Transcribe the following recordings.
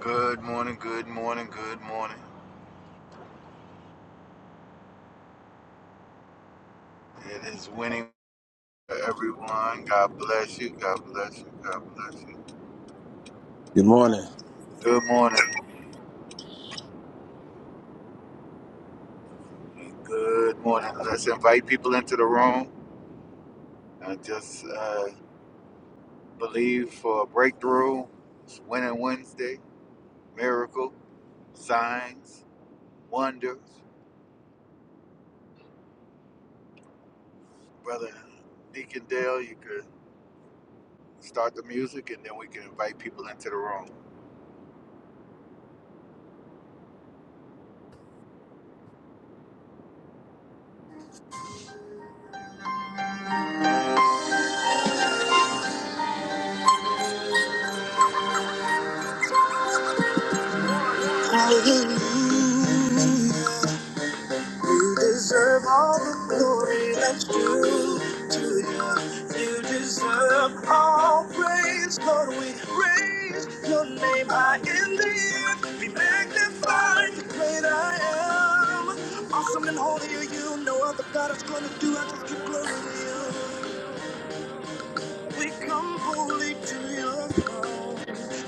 Good morning, good morning, good morning. It is winning for everyone. God bless you, God bless you, God bless you. Good morning. Good morning, good morning. Let's invite people into the room. I just uh, believe for a breakthrough. It's Winning Wednesday, miracle, signs, wonders. Brother Deacon Dale, you could start the music and then we can invite people into the room. You deserve all the glory that's due to you. You deserve all praise, Lord. We raise your name high in the air. Be magnified, the great I am. Awesome and holy are you. No other God is gonna do. I just give glory to you. We come boldly to your throne,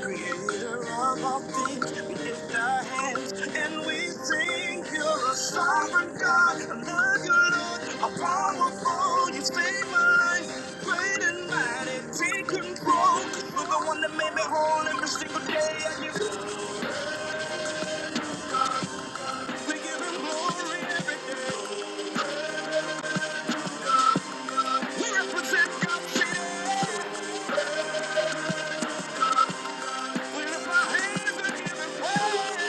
creator of all things. We lift our hands and we sing, You're a sovereign God, a good Lord, a powerful, you save my life. Great and mighty, take control. You're the one that made me whole every single day. I give, we give him glory every day. We represent God's city. We lift our hands and give him praise.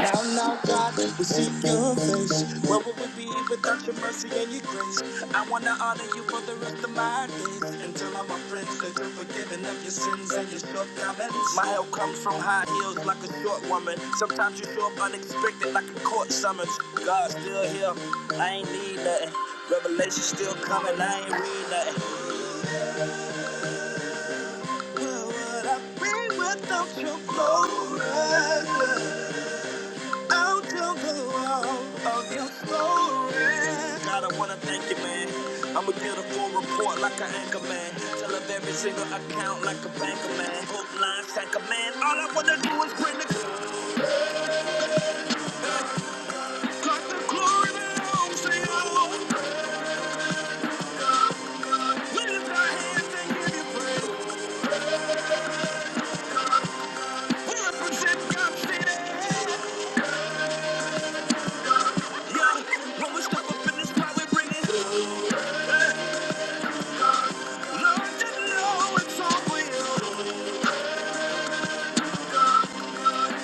Now, now, God, we seek your face. Where would we be without your mercy and your grace? I want to honor you for the rest of my days. Until I'm a prince, until forgiven of your sins and your shortcomings. My help comes from high heels like a short woman. Sometimes you show up unexpected like a court summons. God's still here. I ain't need nothing. Revelation still coming. I ain't read nothing. Where would I be without your glory? Out of the world of your glory. God, I wanna thank you, man. I'm a beautiful report like an anchor man. Tell of every single account like a banker man. Hook line, sack a man. All I wanna do is bring the God the glory belongs to you. We lift our hands and give you praise. We represent God's city. Yeah, when we step up in this power, we bring it. Lord, you know it's all for you.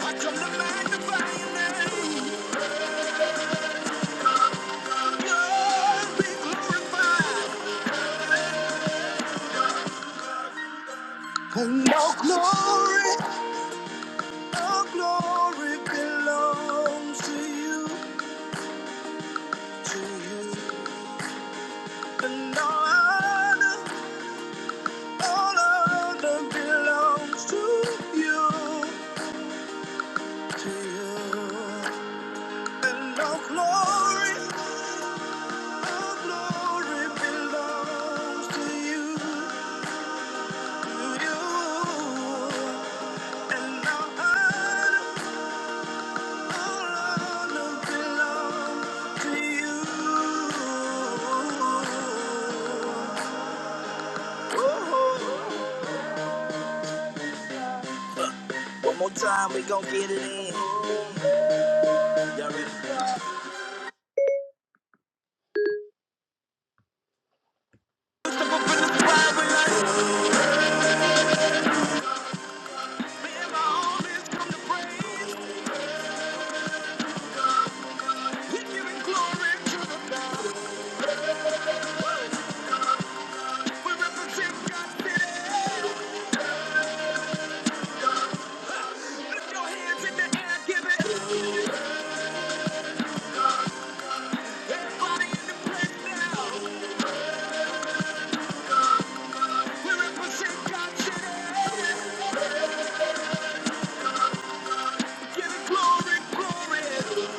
I come to magnify your name. God be glorified. And all glory, all glory belongs to you, to you. And all honor, all honor belongs to you, to you. And all glory, all glory belongs to you, to you. And all honor, One more time, we gon' get it in. Y'all ready? We're giving glory to the Lord. We represent God's city. Lift your hands in the air, give it. Everybody in the place now. We represent God's city. Give it glory, glory.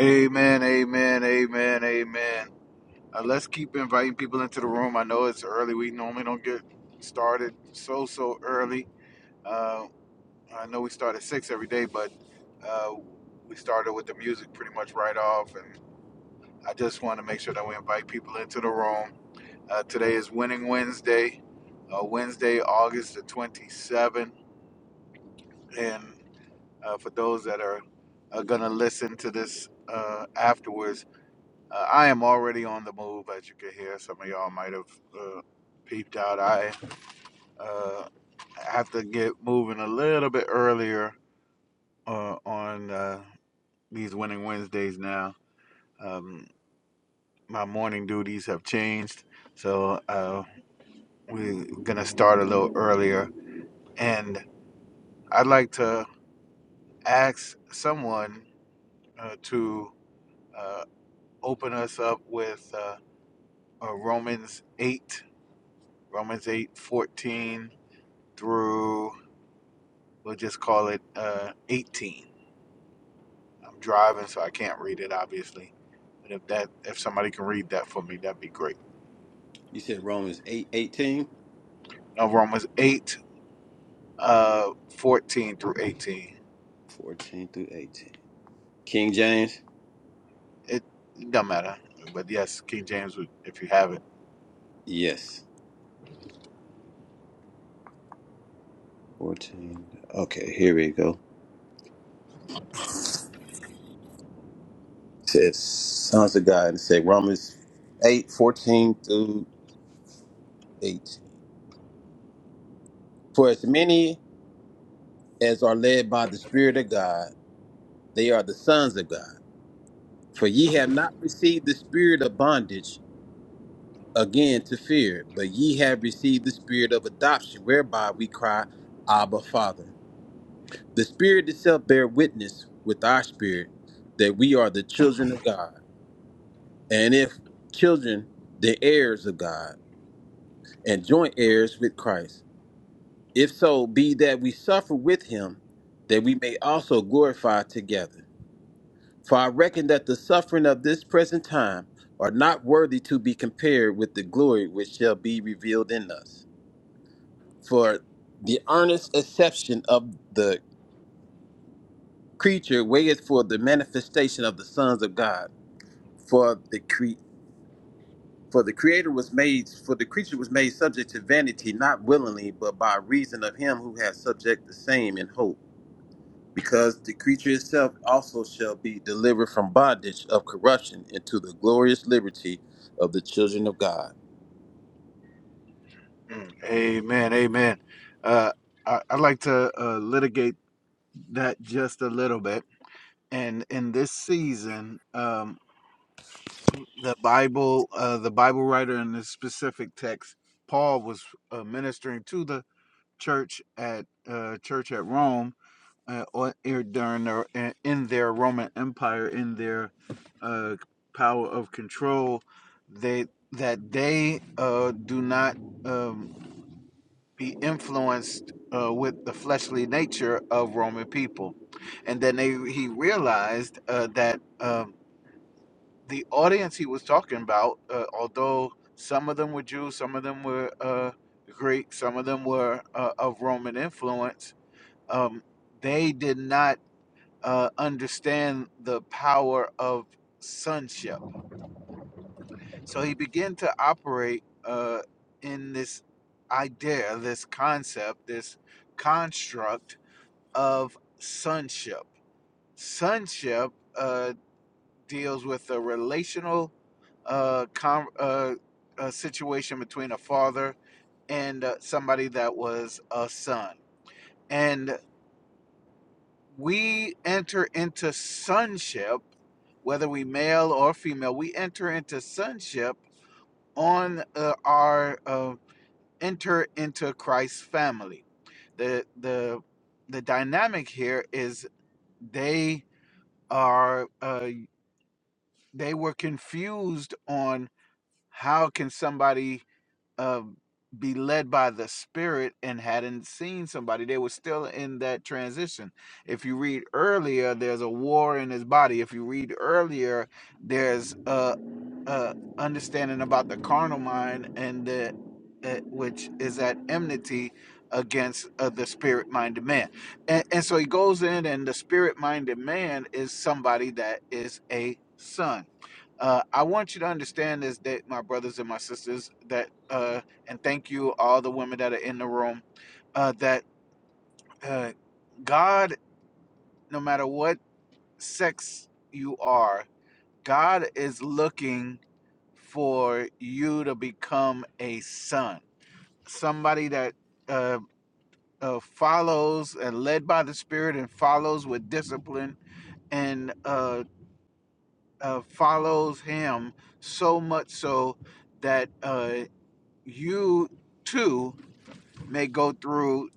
Amen, amen, amen, amen. Uh, let's keep inviting people into the room. I know it's early. We normally don't get started so so early. Uh, I know we start at six every day, but uh, we started with the music pretty much right off. And I just want to make sure that we invite people into the room. Uh, today is Winning Wednesday, uh, Wednesday, August the twenty seventh. And uh, for those that are, are gonna listen to this uh, afterwards, Uh, I am already on the move, as you can hear. Some of y'all might have uh, peeped out. I uh, have to get moving a little bit earlier uh, on uh, these Winning Wednesdays now. Um, my morning duties have changed, so uh, we're going to start a little earlier. And I'd like to ask someone uh, to uh, open us up with uh, uh, Romans 8, Romans 8 14. through we'll just call it uh, 18 i'm driving so i can't read it obviously but if that if somebody can read that for me that'd be great You said Romans eight eighteen. no romans 8 uh, 14 through 18 14 through 18. King James? it, it don't matter but yes king james would if you have it Yes. 14. Okay, here we go. It says, Sons of God, and say Romans 8 14 through 18. For as many as are led by the Spirit of God, they are the sons of God. For ye have not received the spirit of bondage again to fear, but ye have received the spirit of adoption, whereby we cry, Abba, Father. The Spirit itself bear witness with our spirit that we are the children of God. And if children, the heirs of God, and joint heirs with Christ. If so be that we suffer with him, that we may also glorify together. For I reckon that the suffering of this present time are not worthy to be compared with the glory which shall be revealed in us. For the earnest acceptation of the creature waiteth for the manifestation of the sons of God. for the cre- for the creator was made for the creature was made subject to vanity not willingly but by reason of him who has subject the same in hope because the creature itself also shall be delivered from bondage of corruption into the glorious liberty of the children of God Mm, amen amen uh, I, i'd like to uh, litigate that just a little bit and in this season um. the Bible, uh, the Bible writer in this specific text, Paul was uh, ministering to the church at uh, church at Rome uh, or- er, during their, uh, in their Roman Empire, in their uh, power of control. They that they uh, do not um, be influenced uh, with the fleshly nature of Roman people, and then they he realized uh, that. Um, the audience he was talking about, uh, although some of them were Jews, some of them were uh, Greek, some of them were uh, of Roman influence, um, they did not uh, understand the power of sonship. So he began to operate uh, in this idea, this concept, this construct of sonship. Sonship. uh, deals with a relational uh, com- uh, uh situation between a father and uh, somebody that was a son. And we enter into sonship, whether we male or female, we enter into sonship on uh, our uh, enter into Christ's family. The, the, the dynamic here is they are uh, they were confused on how can somebody uh, be led by the Spirit and hadn't seen somebody. They were still in that transition. If you read earlier, there's a war in his body. If you read earlier, there's a uh, understanding about the carnal mind and the uh, which is at enmity against uh, the spirit minded man. And, and so he goes in, and the spirit minded man is somebody that is a son. Uh, I want you to understand this, that my brothers and my sisters, that uh, and thank you all the women that are in the room, uh, that uh, God, no matter what sex you are, God is looking for you to become a son, somebody that uh, uh, follows and led by the Spirit and follows with discipline and uh, uh, follows Him so much so that uh, you too may go through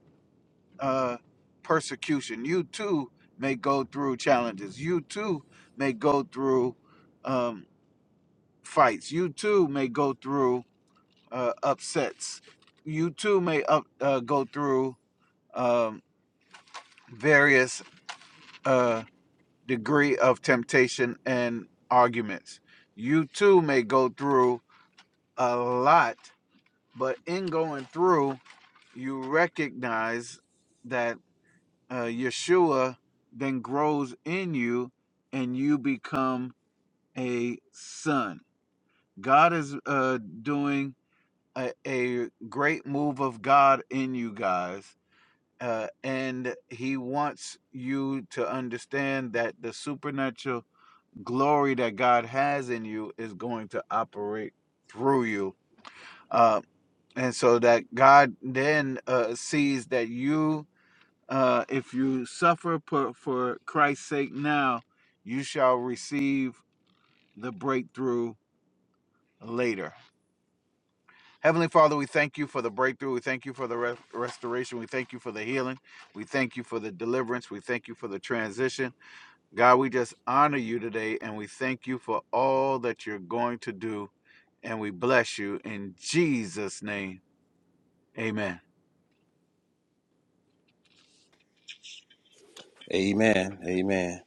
uh, persecution. You too may go through challenges. You too may go through um, fights. You too may go through uh, upsets. You too may up, uh, go through um, various uh, degree of temptation and arguments. You too may go through a lot, but in going through, you recognize that uh, Yeshua then grows in you, and you become a son. God is uh, doing a, a great move of God in you guys uh, and he wants you to understand that the supernatural glory that God has in you is going to operate through you, uh, and so that God then uh, sees that you, uh, if you suffer for, for Christ's sake now, you shall receive the breakthrough later. Heavenly Father, we thank you for the breakthrough. We thank you for the re- restoration. We thank you for the healing. We thank you for the deliverance. We thank you for the transition. God, we just honor you today and we thank you for all that you're going to do and we bless you in Jesus' name. Amen. amen amen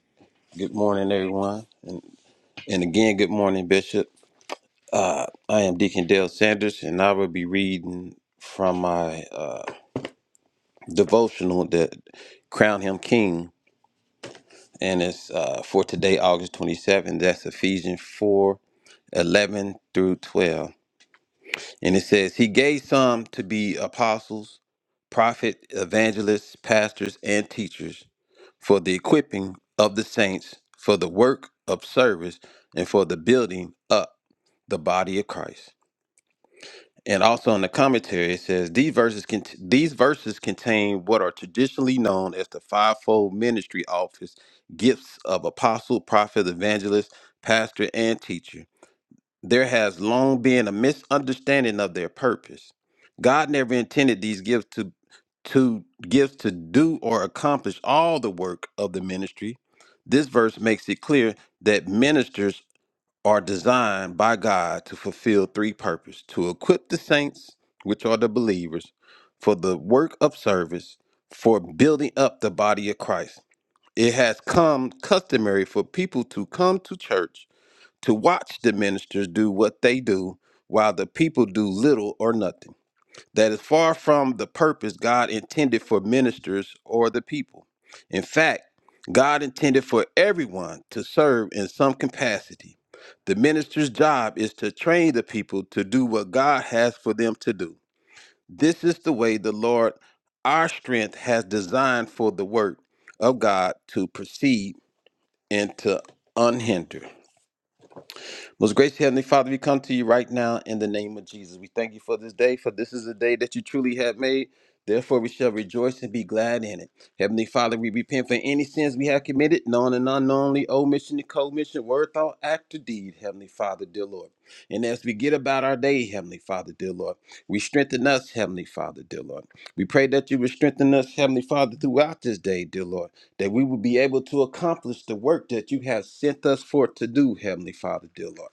good morning everyone and, and again good morning bishop i am deacon dale sanders and i will be reading from my uh, devotional that crown him king and it's uh, for today, August 27th. That's Ephesians 4 11 through 12. And it says, He gave some to be apostles, prophet, evangelists, pastors, and teachers for the equipping of the saints, for the work of service, and for the building up the body of Christ and also in the commentary, it says these verses cont these verses contain what are traditionally known as the fivefold ministry office, gifts of apostle, prophet, evangelist, pastor, and teacher. There has long been a misunderstanding of their purpose. God never intended these gifts to to gifts to do or accomplish all the work of the ministry. This verse makes it clear that ministers are designed by God to fulfill three purposes to equip the saints, which are the believers, for the work of service, for building up the body of Christ. It has come customary for people to come to church to watch the ministers do what they do while the people do little or nothing. That is far from the purpose God intended for ministers or the people. In fact, God intended for everyone to serve in some capacity. The minister's job is to train the people to do what God has for them to do. This is the way the Lord, our strength, has designed for the work of God to proceed and to unhinder. Most gracious Heavenly Father, we come to you right now in the name of Jesus. We thank you for this day, for this is a day that you truly have made. Therefore, we shall rejoice and be glad in it. Heavenly Father, we repent for any sins we have committed, known and unknownly, omission and commission, word, thought, act, or deed, Heavenly Father, dear Lord. And as we get about our day, Heavenly Father, dear Lord, we strengthen us, Heavenly Father, dear Lord. We pray that you would strengthen us, Heavenly Father, throughout this day, dear Lord that we will be able to accomplish the work that you have sent us forth to do, Heavenly Father, dear Lord.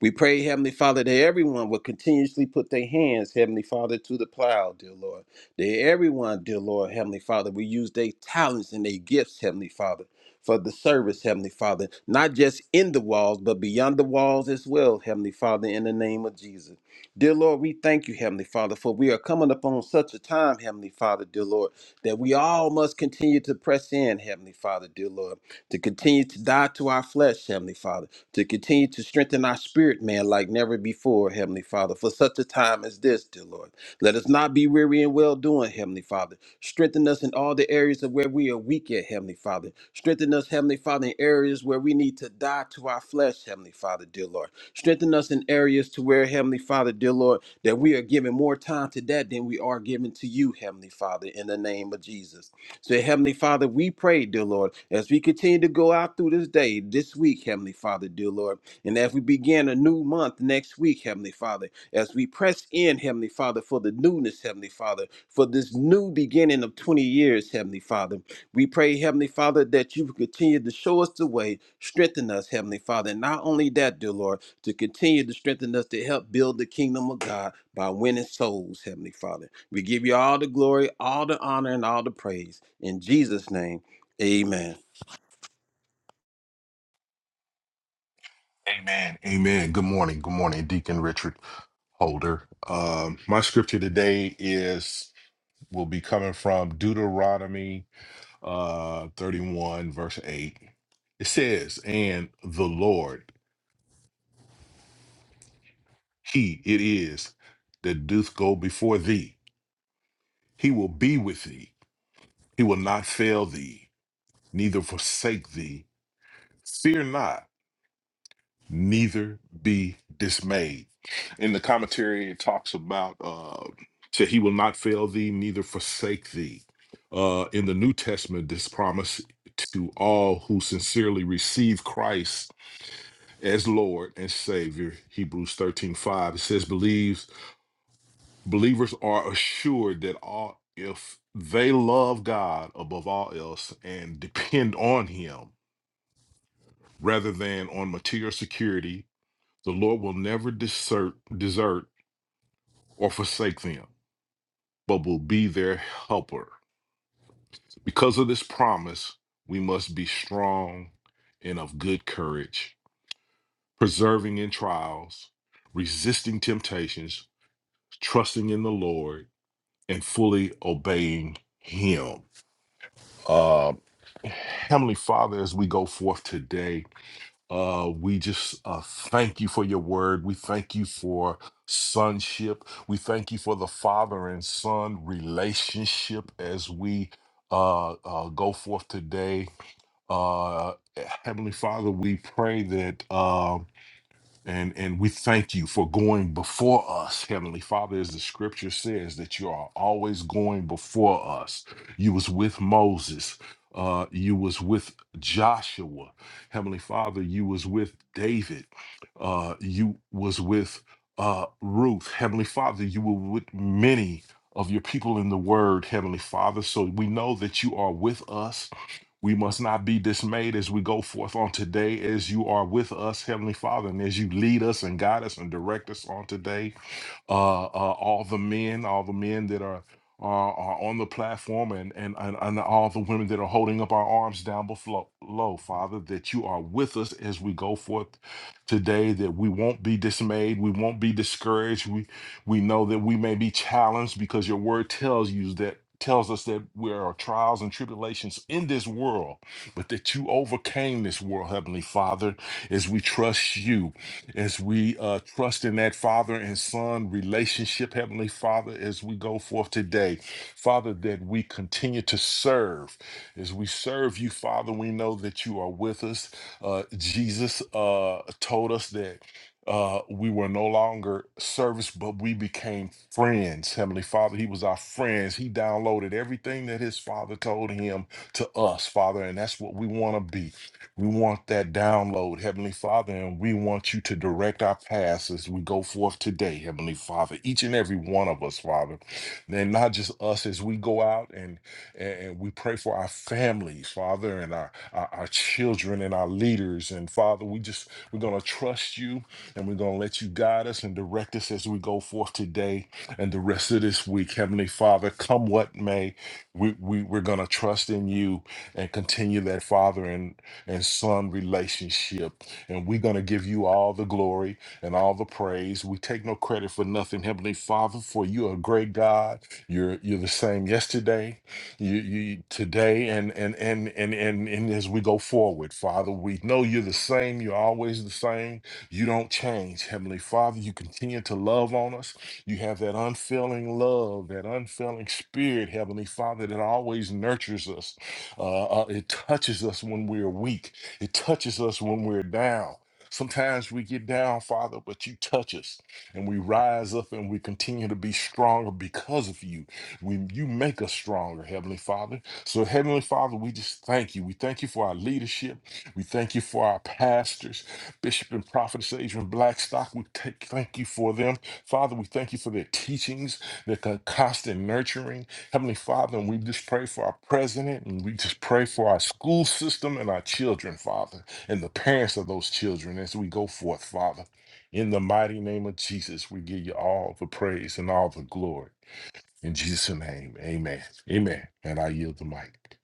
We pray, Heavenly Father, that everyone will continuously put their hands, Heavenly Father, to the plow, dear Lord. That everyone, dear Lord, Heavenly Father, will use their talents and their gifts, Heavenly Father, for the service, Heavenly Father, not just in the walls, but beyond the walls as well, Heavenly Father, in the name of Jesus. Dear Lord, we thank you, Heavenly Father, for we are coming upon such a time, Heavenly Father, dear Lord that we all must continue to press in, Heavenly Father, dear Lord, to continue to die to our flesh, Heavenly Father, to continue to strengthen our spirit, man, like never before, Heavenly Father, for such a time as this, dear Lord. Let us not be weary in well doing, Heavenly Father. Strengthen us in all the areas of where we are weak at, Heavenly Father. Strengthen us, Heavenly Father, in areas where we need to die to our flesh, Heavenly Father, dear Lord Strengthen us in areas to where, Heavenly Father, dear Lord, that we are giving more time to that than we are giving to you, Heavenly Father, in the name of Jesus. So, Heavenly Father, we pray, dear Lord, as we continue to go out through this day, this week, Heavenly Father, dear Lord, and as we begin a new month next week, Heavenly Father, as we press in, Heavenly Father, for the newness, Heavenly Father, for this new beginning of 20 years, Heavenly Father. We pray, Heavenly Father, that you would continue to show us the way, strengthen us, Heavenly Father. And not only that, dear Lord, to continue to strengthen us to help build the kingdom of God by winning souls, Heavenly Father. We give you all the glory, all the honor, and all the praise. In Jesus' name, amen. Amen. Amen. Good morning. Good morning, Deacon Richard Holder. Um, my scripture today is will be coming from Deuteronomy uh, 31, verse 8. It says, And the Lord, He it is that doth go before thee. He will be with thee. He will not fail thee, neither forsake thee. Fear not, neither be dismayed. In the commentary, it talks about uh, to he will not fail thee, neither forsake thee. Uh, in the New Testament, this promise to all who sincerely receive Christ as Lord and Savior, Hebrews 13 5 it says, believes believers are assured that all if they love God above all else and depend on Him rather than on material security The Lord will never desert, desert or forsake them, but will be their helper. So Because of this promise, we must be strong and of good courage, preserving in trials, resisting temptations, trusting in the Lord, and fully obeying Him. Uh, Heavenly Father, as we go forth today, Uh, we just uh, thank you for your word. We thank you for sonship. We thank you for the father and son relationship as we uh, uh, go forth today. Uh, Heavenly Father, we pray that. Um, and and we thank you for going before us, Heavenly Father, as the scripture says that you are always going before us. You was with Moses. Uh, you was with Joshua, Heavenly Father. You was with David. Uh, you was with uh, Ruth, Heavenly Father. You were with many of your people in the Word, Heavenly Father. So we know that you are with us we must not be dismayed as we go forth on today, as you are with us, Heavenly Father, and as you lead us and guide us and direct us on today uh, uh, all the men, all the men that are are, are on the platform, and, and and and all the women that are holding up our arms down below, low, Father, that you are with us as we go forth today. That we won't be dismayed, we won't be discouraged. We we know that we may be challenged because your word tells you that tells us that there are trials and tribulations in this world, but that you overcame this world, Heavenly Father, as we trust you as we uh, trust in that father and son relationship, Heavenly Father, as we go forth today, Father, that we continue to serve. As we serve you, Father, we know that you are with us. Uh, Jesus uh, told us that. Uh, we were no longer servants, but we became friends. Heavenly Father, He was our friends. He downloaded everything that His Father told Him to us, Father, and that's what we want to be. We want that download, Heavenly Father, and we want you to direct our paths as we go forth today, Heavenly Father. Each and every one of us, Father, and not just us as we go out and and and we pray for our families, Father, and our our, our children and our leaders. And Father, we just we're gonna trust you and we're gonna let you guide us and direct us as we go forth today and the rest of this week, Heavenly Father. Come what may, we, we we're gonna trust in you and continue that, Father and son relationship. And we're going to give you all the glory and all the praise. We take no credit for nothing, Heavenly Father, for you are a great God. You're you're the same yesterday, you, you today, and and and and and and as we go forward, Father, we know you're the same. You're always the same. You don't change, Heavenly Father. You continue to love on us. You have that unfailing love, that unfailing spirit, Heavenly Father, that always nurtures us uh, uh, it touches us when we're weak. It touches us when we're down. Sometimes we get down, Father, but you touch us and we rise up and we continue to be stronger because of you. We, you make us stronger, Heavenly Father. So, Heavenly Father, we just thank you. We thank you for our leadership. We thank you for our pastors, Bishop and Prophetess Adrian Blackstock. We take, thank you for them. Father, we thank you for their teachings, their con- constant nurturing. Heavenly Father, and we just pray for our president and we just pray for our school system and our children, Father, and the parents of those children as we go forth, Father. In the mighty name of Jesus, we give you all the praise and all the glory. In Jesus' name, amen. Amen. And I yield the mic.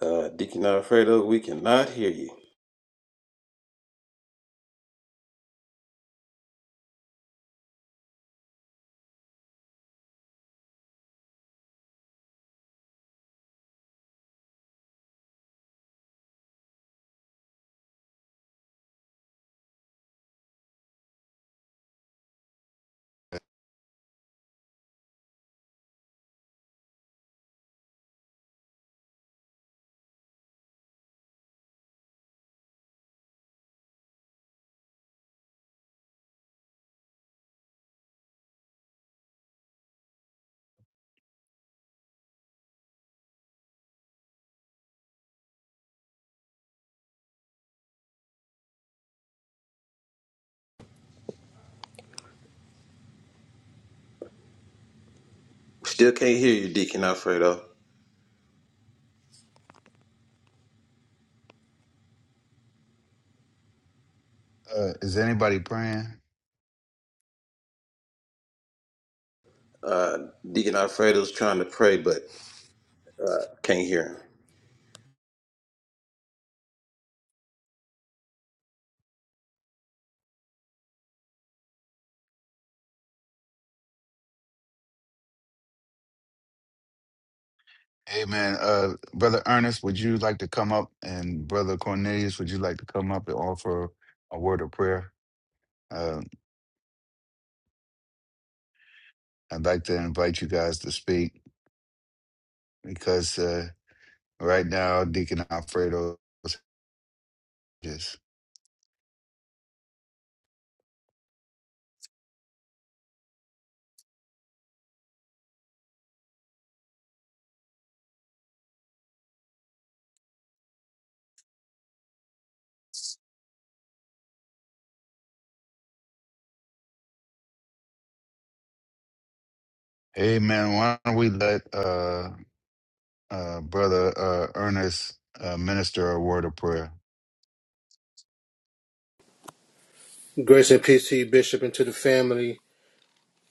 Uh, Deacon Alfredo, we cannot hear you. Still can't hear you, Deacon Alfredo. Uh, is anybody praying? Uh, Deacon Alfredo's trying to pray, but uh, can't hear him. Amen. Uh, Brother Ernest, would you like to come up? And Brother Cornelius, would you like to come up and offer a word of prayer? Uh, I'd like to invite you guys to speak because uh, right now, Deacon Alfredo is. Amen. Why don't we let uh, uh, Brother uh, Ernest, uh, minister a word of prayer. Grace and peace to you, Bishop, and to the family.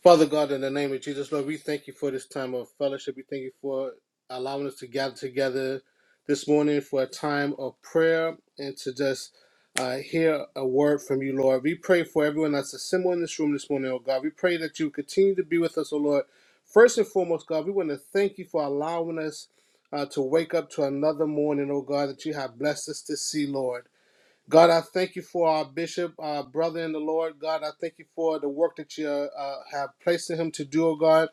Father God, in the name of Jesus, Lord, we thank you for this time of fellowship. We thank you for allowing us to gather together this morning for a time of prayer and to just uh, hear a word from you, Lord. We pray for everyone that's assembled in this room this morning, oh God. We pray that you continue to be with us, oh Lord. First and foremost, God, we want to thank you for allowing us uh, to wake up to another morning, oh God, that you have blessed us to see, Lord. God, I thank you for our bishop, our brother in the Lord. God, I thank you for the work that you uh, uh, have placed in him to do, oh God.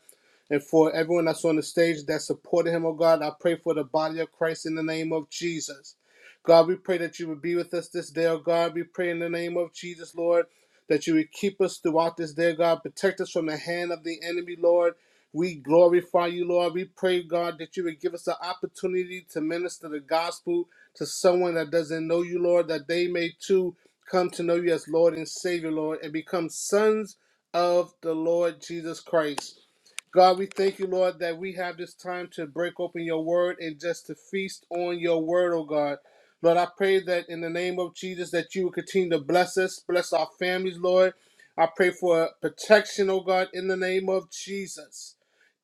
And for everyone that's on the stage that supported him, oh God, I pray for the body of Christ in the name of Jesus. God, we pray that you would be with us this day, oh God. We pray in the name of Jesus, Lord, that you would keep us throughout this day, God. Protect us from the hand of the enemy, Lord. We glorify you, Lord. We pray, God, that you would give us the opportunity to minister the gospel to someone that doesn't know you, Lord, that they may too come to know you as Lord and Savior, Lord, and become sons of the Lord Jesus Christ. God, we thank you, Lord, that we have this time to break open your word and just to feast on your word, oh God. Lord, I pray that in the name of Jesus that you will continue to bless us, bless our families, Lord. I pray for protection, oh God, in the name of Jesus.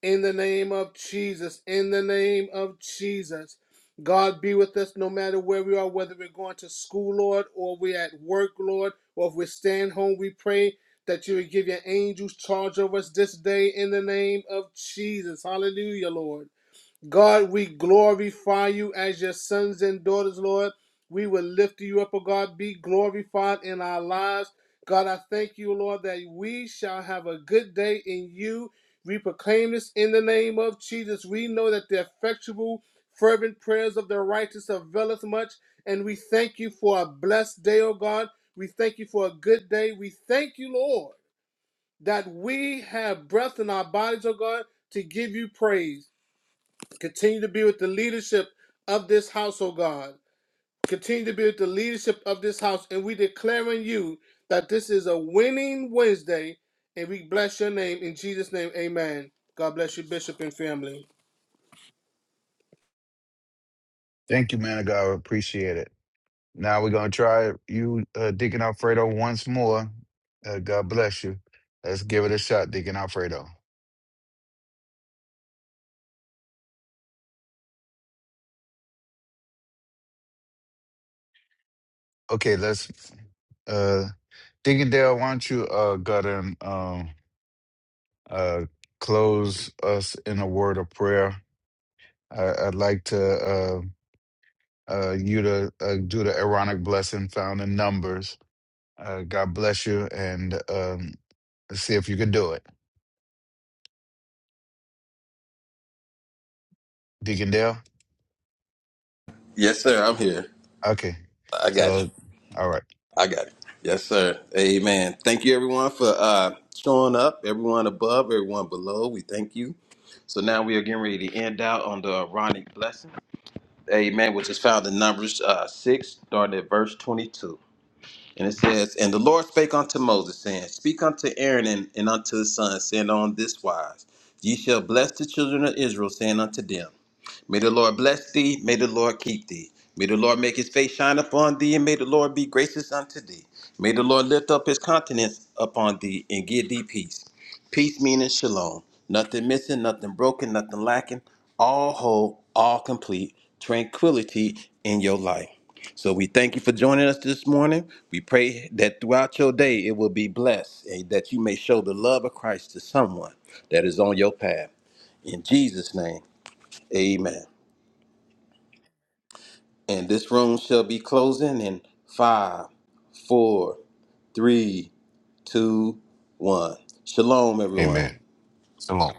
In the name of Jesus. In the name of Jesus. God be with us no matter where we are, whether we're going to school, Lord, or we're at work, Lord, or if we're staying home, we pray that you would give your angels charge over us this day in the name of Jesus. Hallelujah, Lord. God, we glorify you as your sons and daughters, Lord. We will lift you up, O God. Be glorified in our lives. God, I thank you, Lord, that we shall have a good day in you. We proclaim this in the name of Jesus. We know that the effectual, fervent prayers of the righteous availeth much. And we thank you for a blessed day, O God. We thank you for a good day. We thank you, Lord that we have breath in our bodies, oh God, to give you praise. Continue to be with the leadership of this house, oh God. Continue to be with the leadership of this house. And we declare in you that this is a winning Wednesday. And we bless your name in Jesus' name. Amen. God bless you, Bishop and family. Thank you, man of God. Appreciate it. Now we're going to try you, uh, Deacon Alfredo, once more. Uh, God bless you. Let's give it a shot, Deacon Alfredo. Okay, let's. Uh, Deacon Dale, why don't you uh, go ahead and um, uh, close us in a word of prayer? I, I'd like to uh, uh, you to uh, do the Aaronic blessing found in Numbers. Uh, God bless you, and um, Let's see if you can do it. Deacon Dale? Yes, sir. I'm here. Okay. I got you. So, all right. I got it. Yes, sir. Amen. Thank you, everyone, for uh, showing up. Everyone above, everyone below, we thank you. So now we are getting ready to end out on the Aaronic blessing. Amen, which is found in Numbers uh, 6, starting at verse 22. And it says, And the Lord spake unto Moses, saying, Speak unto Aaron and, and unto his sons, saying on this wise, Ye shall bless the children of Israel, saying unto them, May the Lord bless thee. May the Lord keep thee. May the Lord make his face shine upon thee, and may the Lord be gracious unto thee. May the Lord lift up his countenance upon thee and give thee peace. Peace meaning shalom. Nothing missing, nothing broken, nothing lacking. All whole, all complete, tranquility in your life. So we thank you for joining us this morning. We pray that throughout your day it will be blessed and that you may show the love of Christ to someone that is on your path. In Jesus' name, amen. And this room shall be closing in five, four, three, two, one. Shalom, everyone. Amen. Shalom.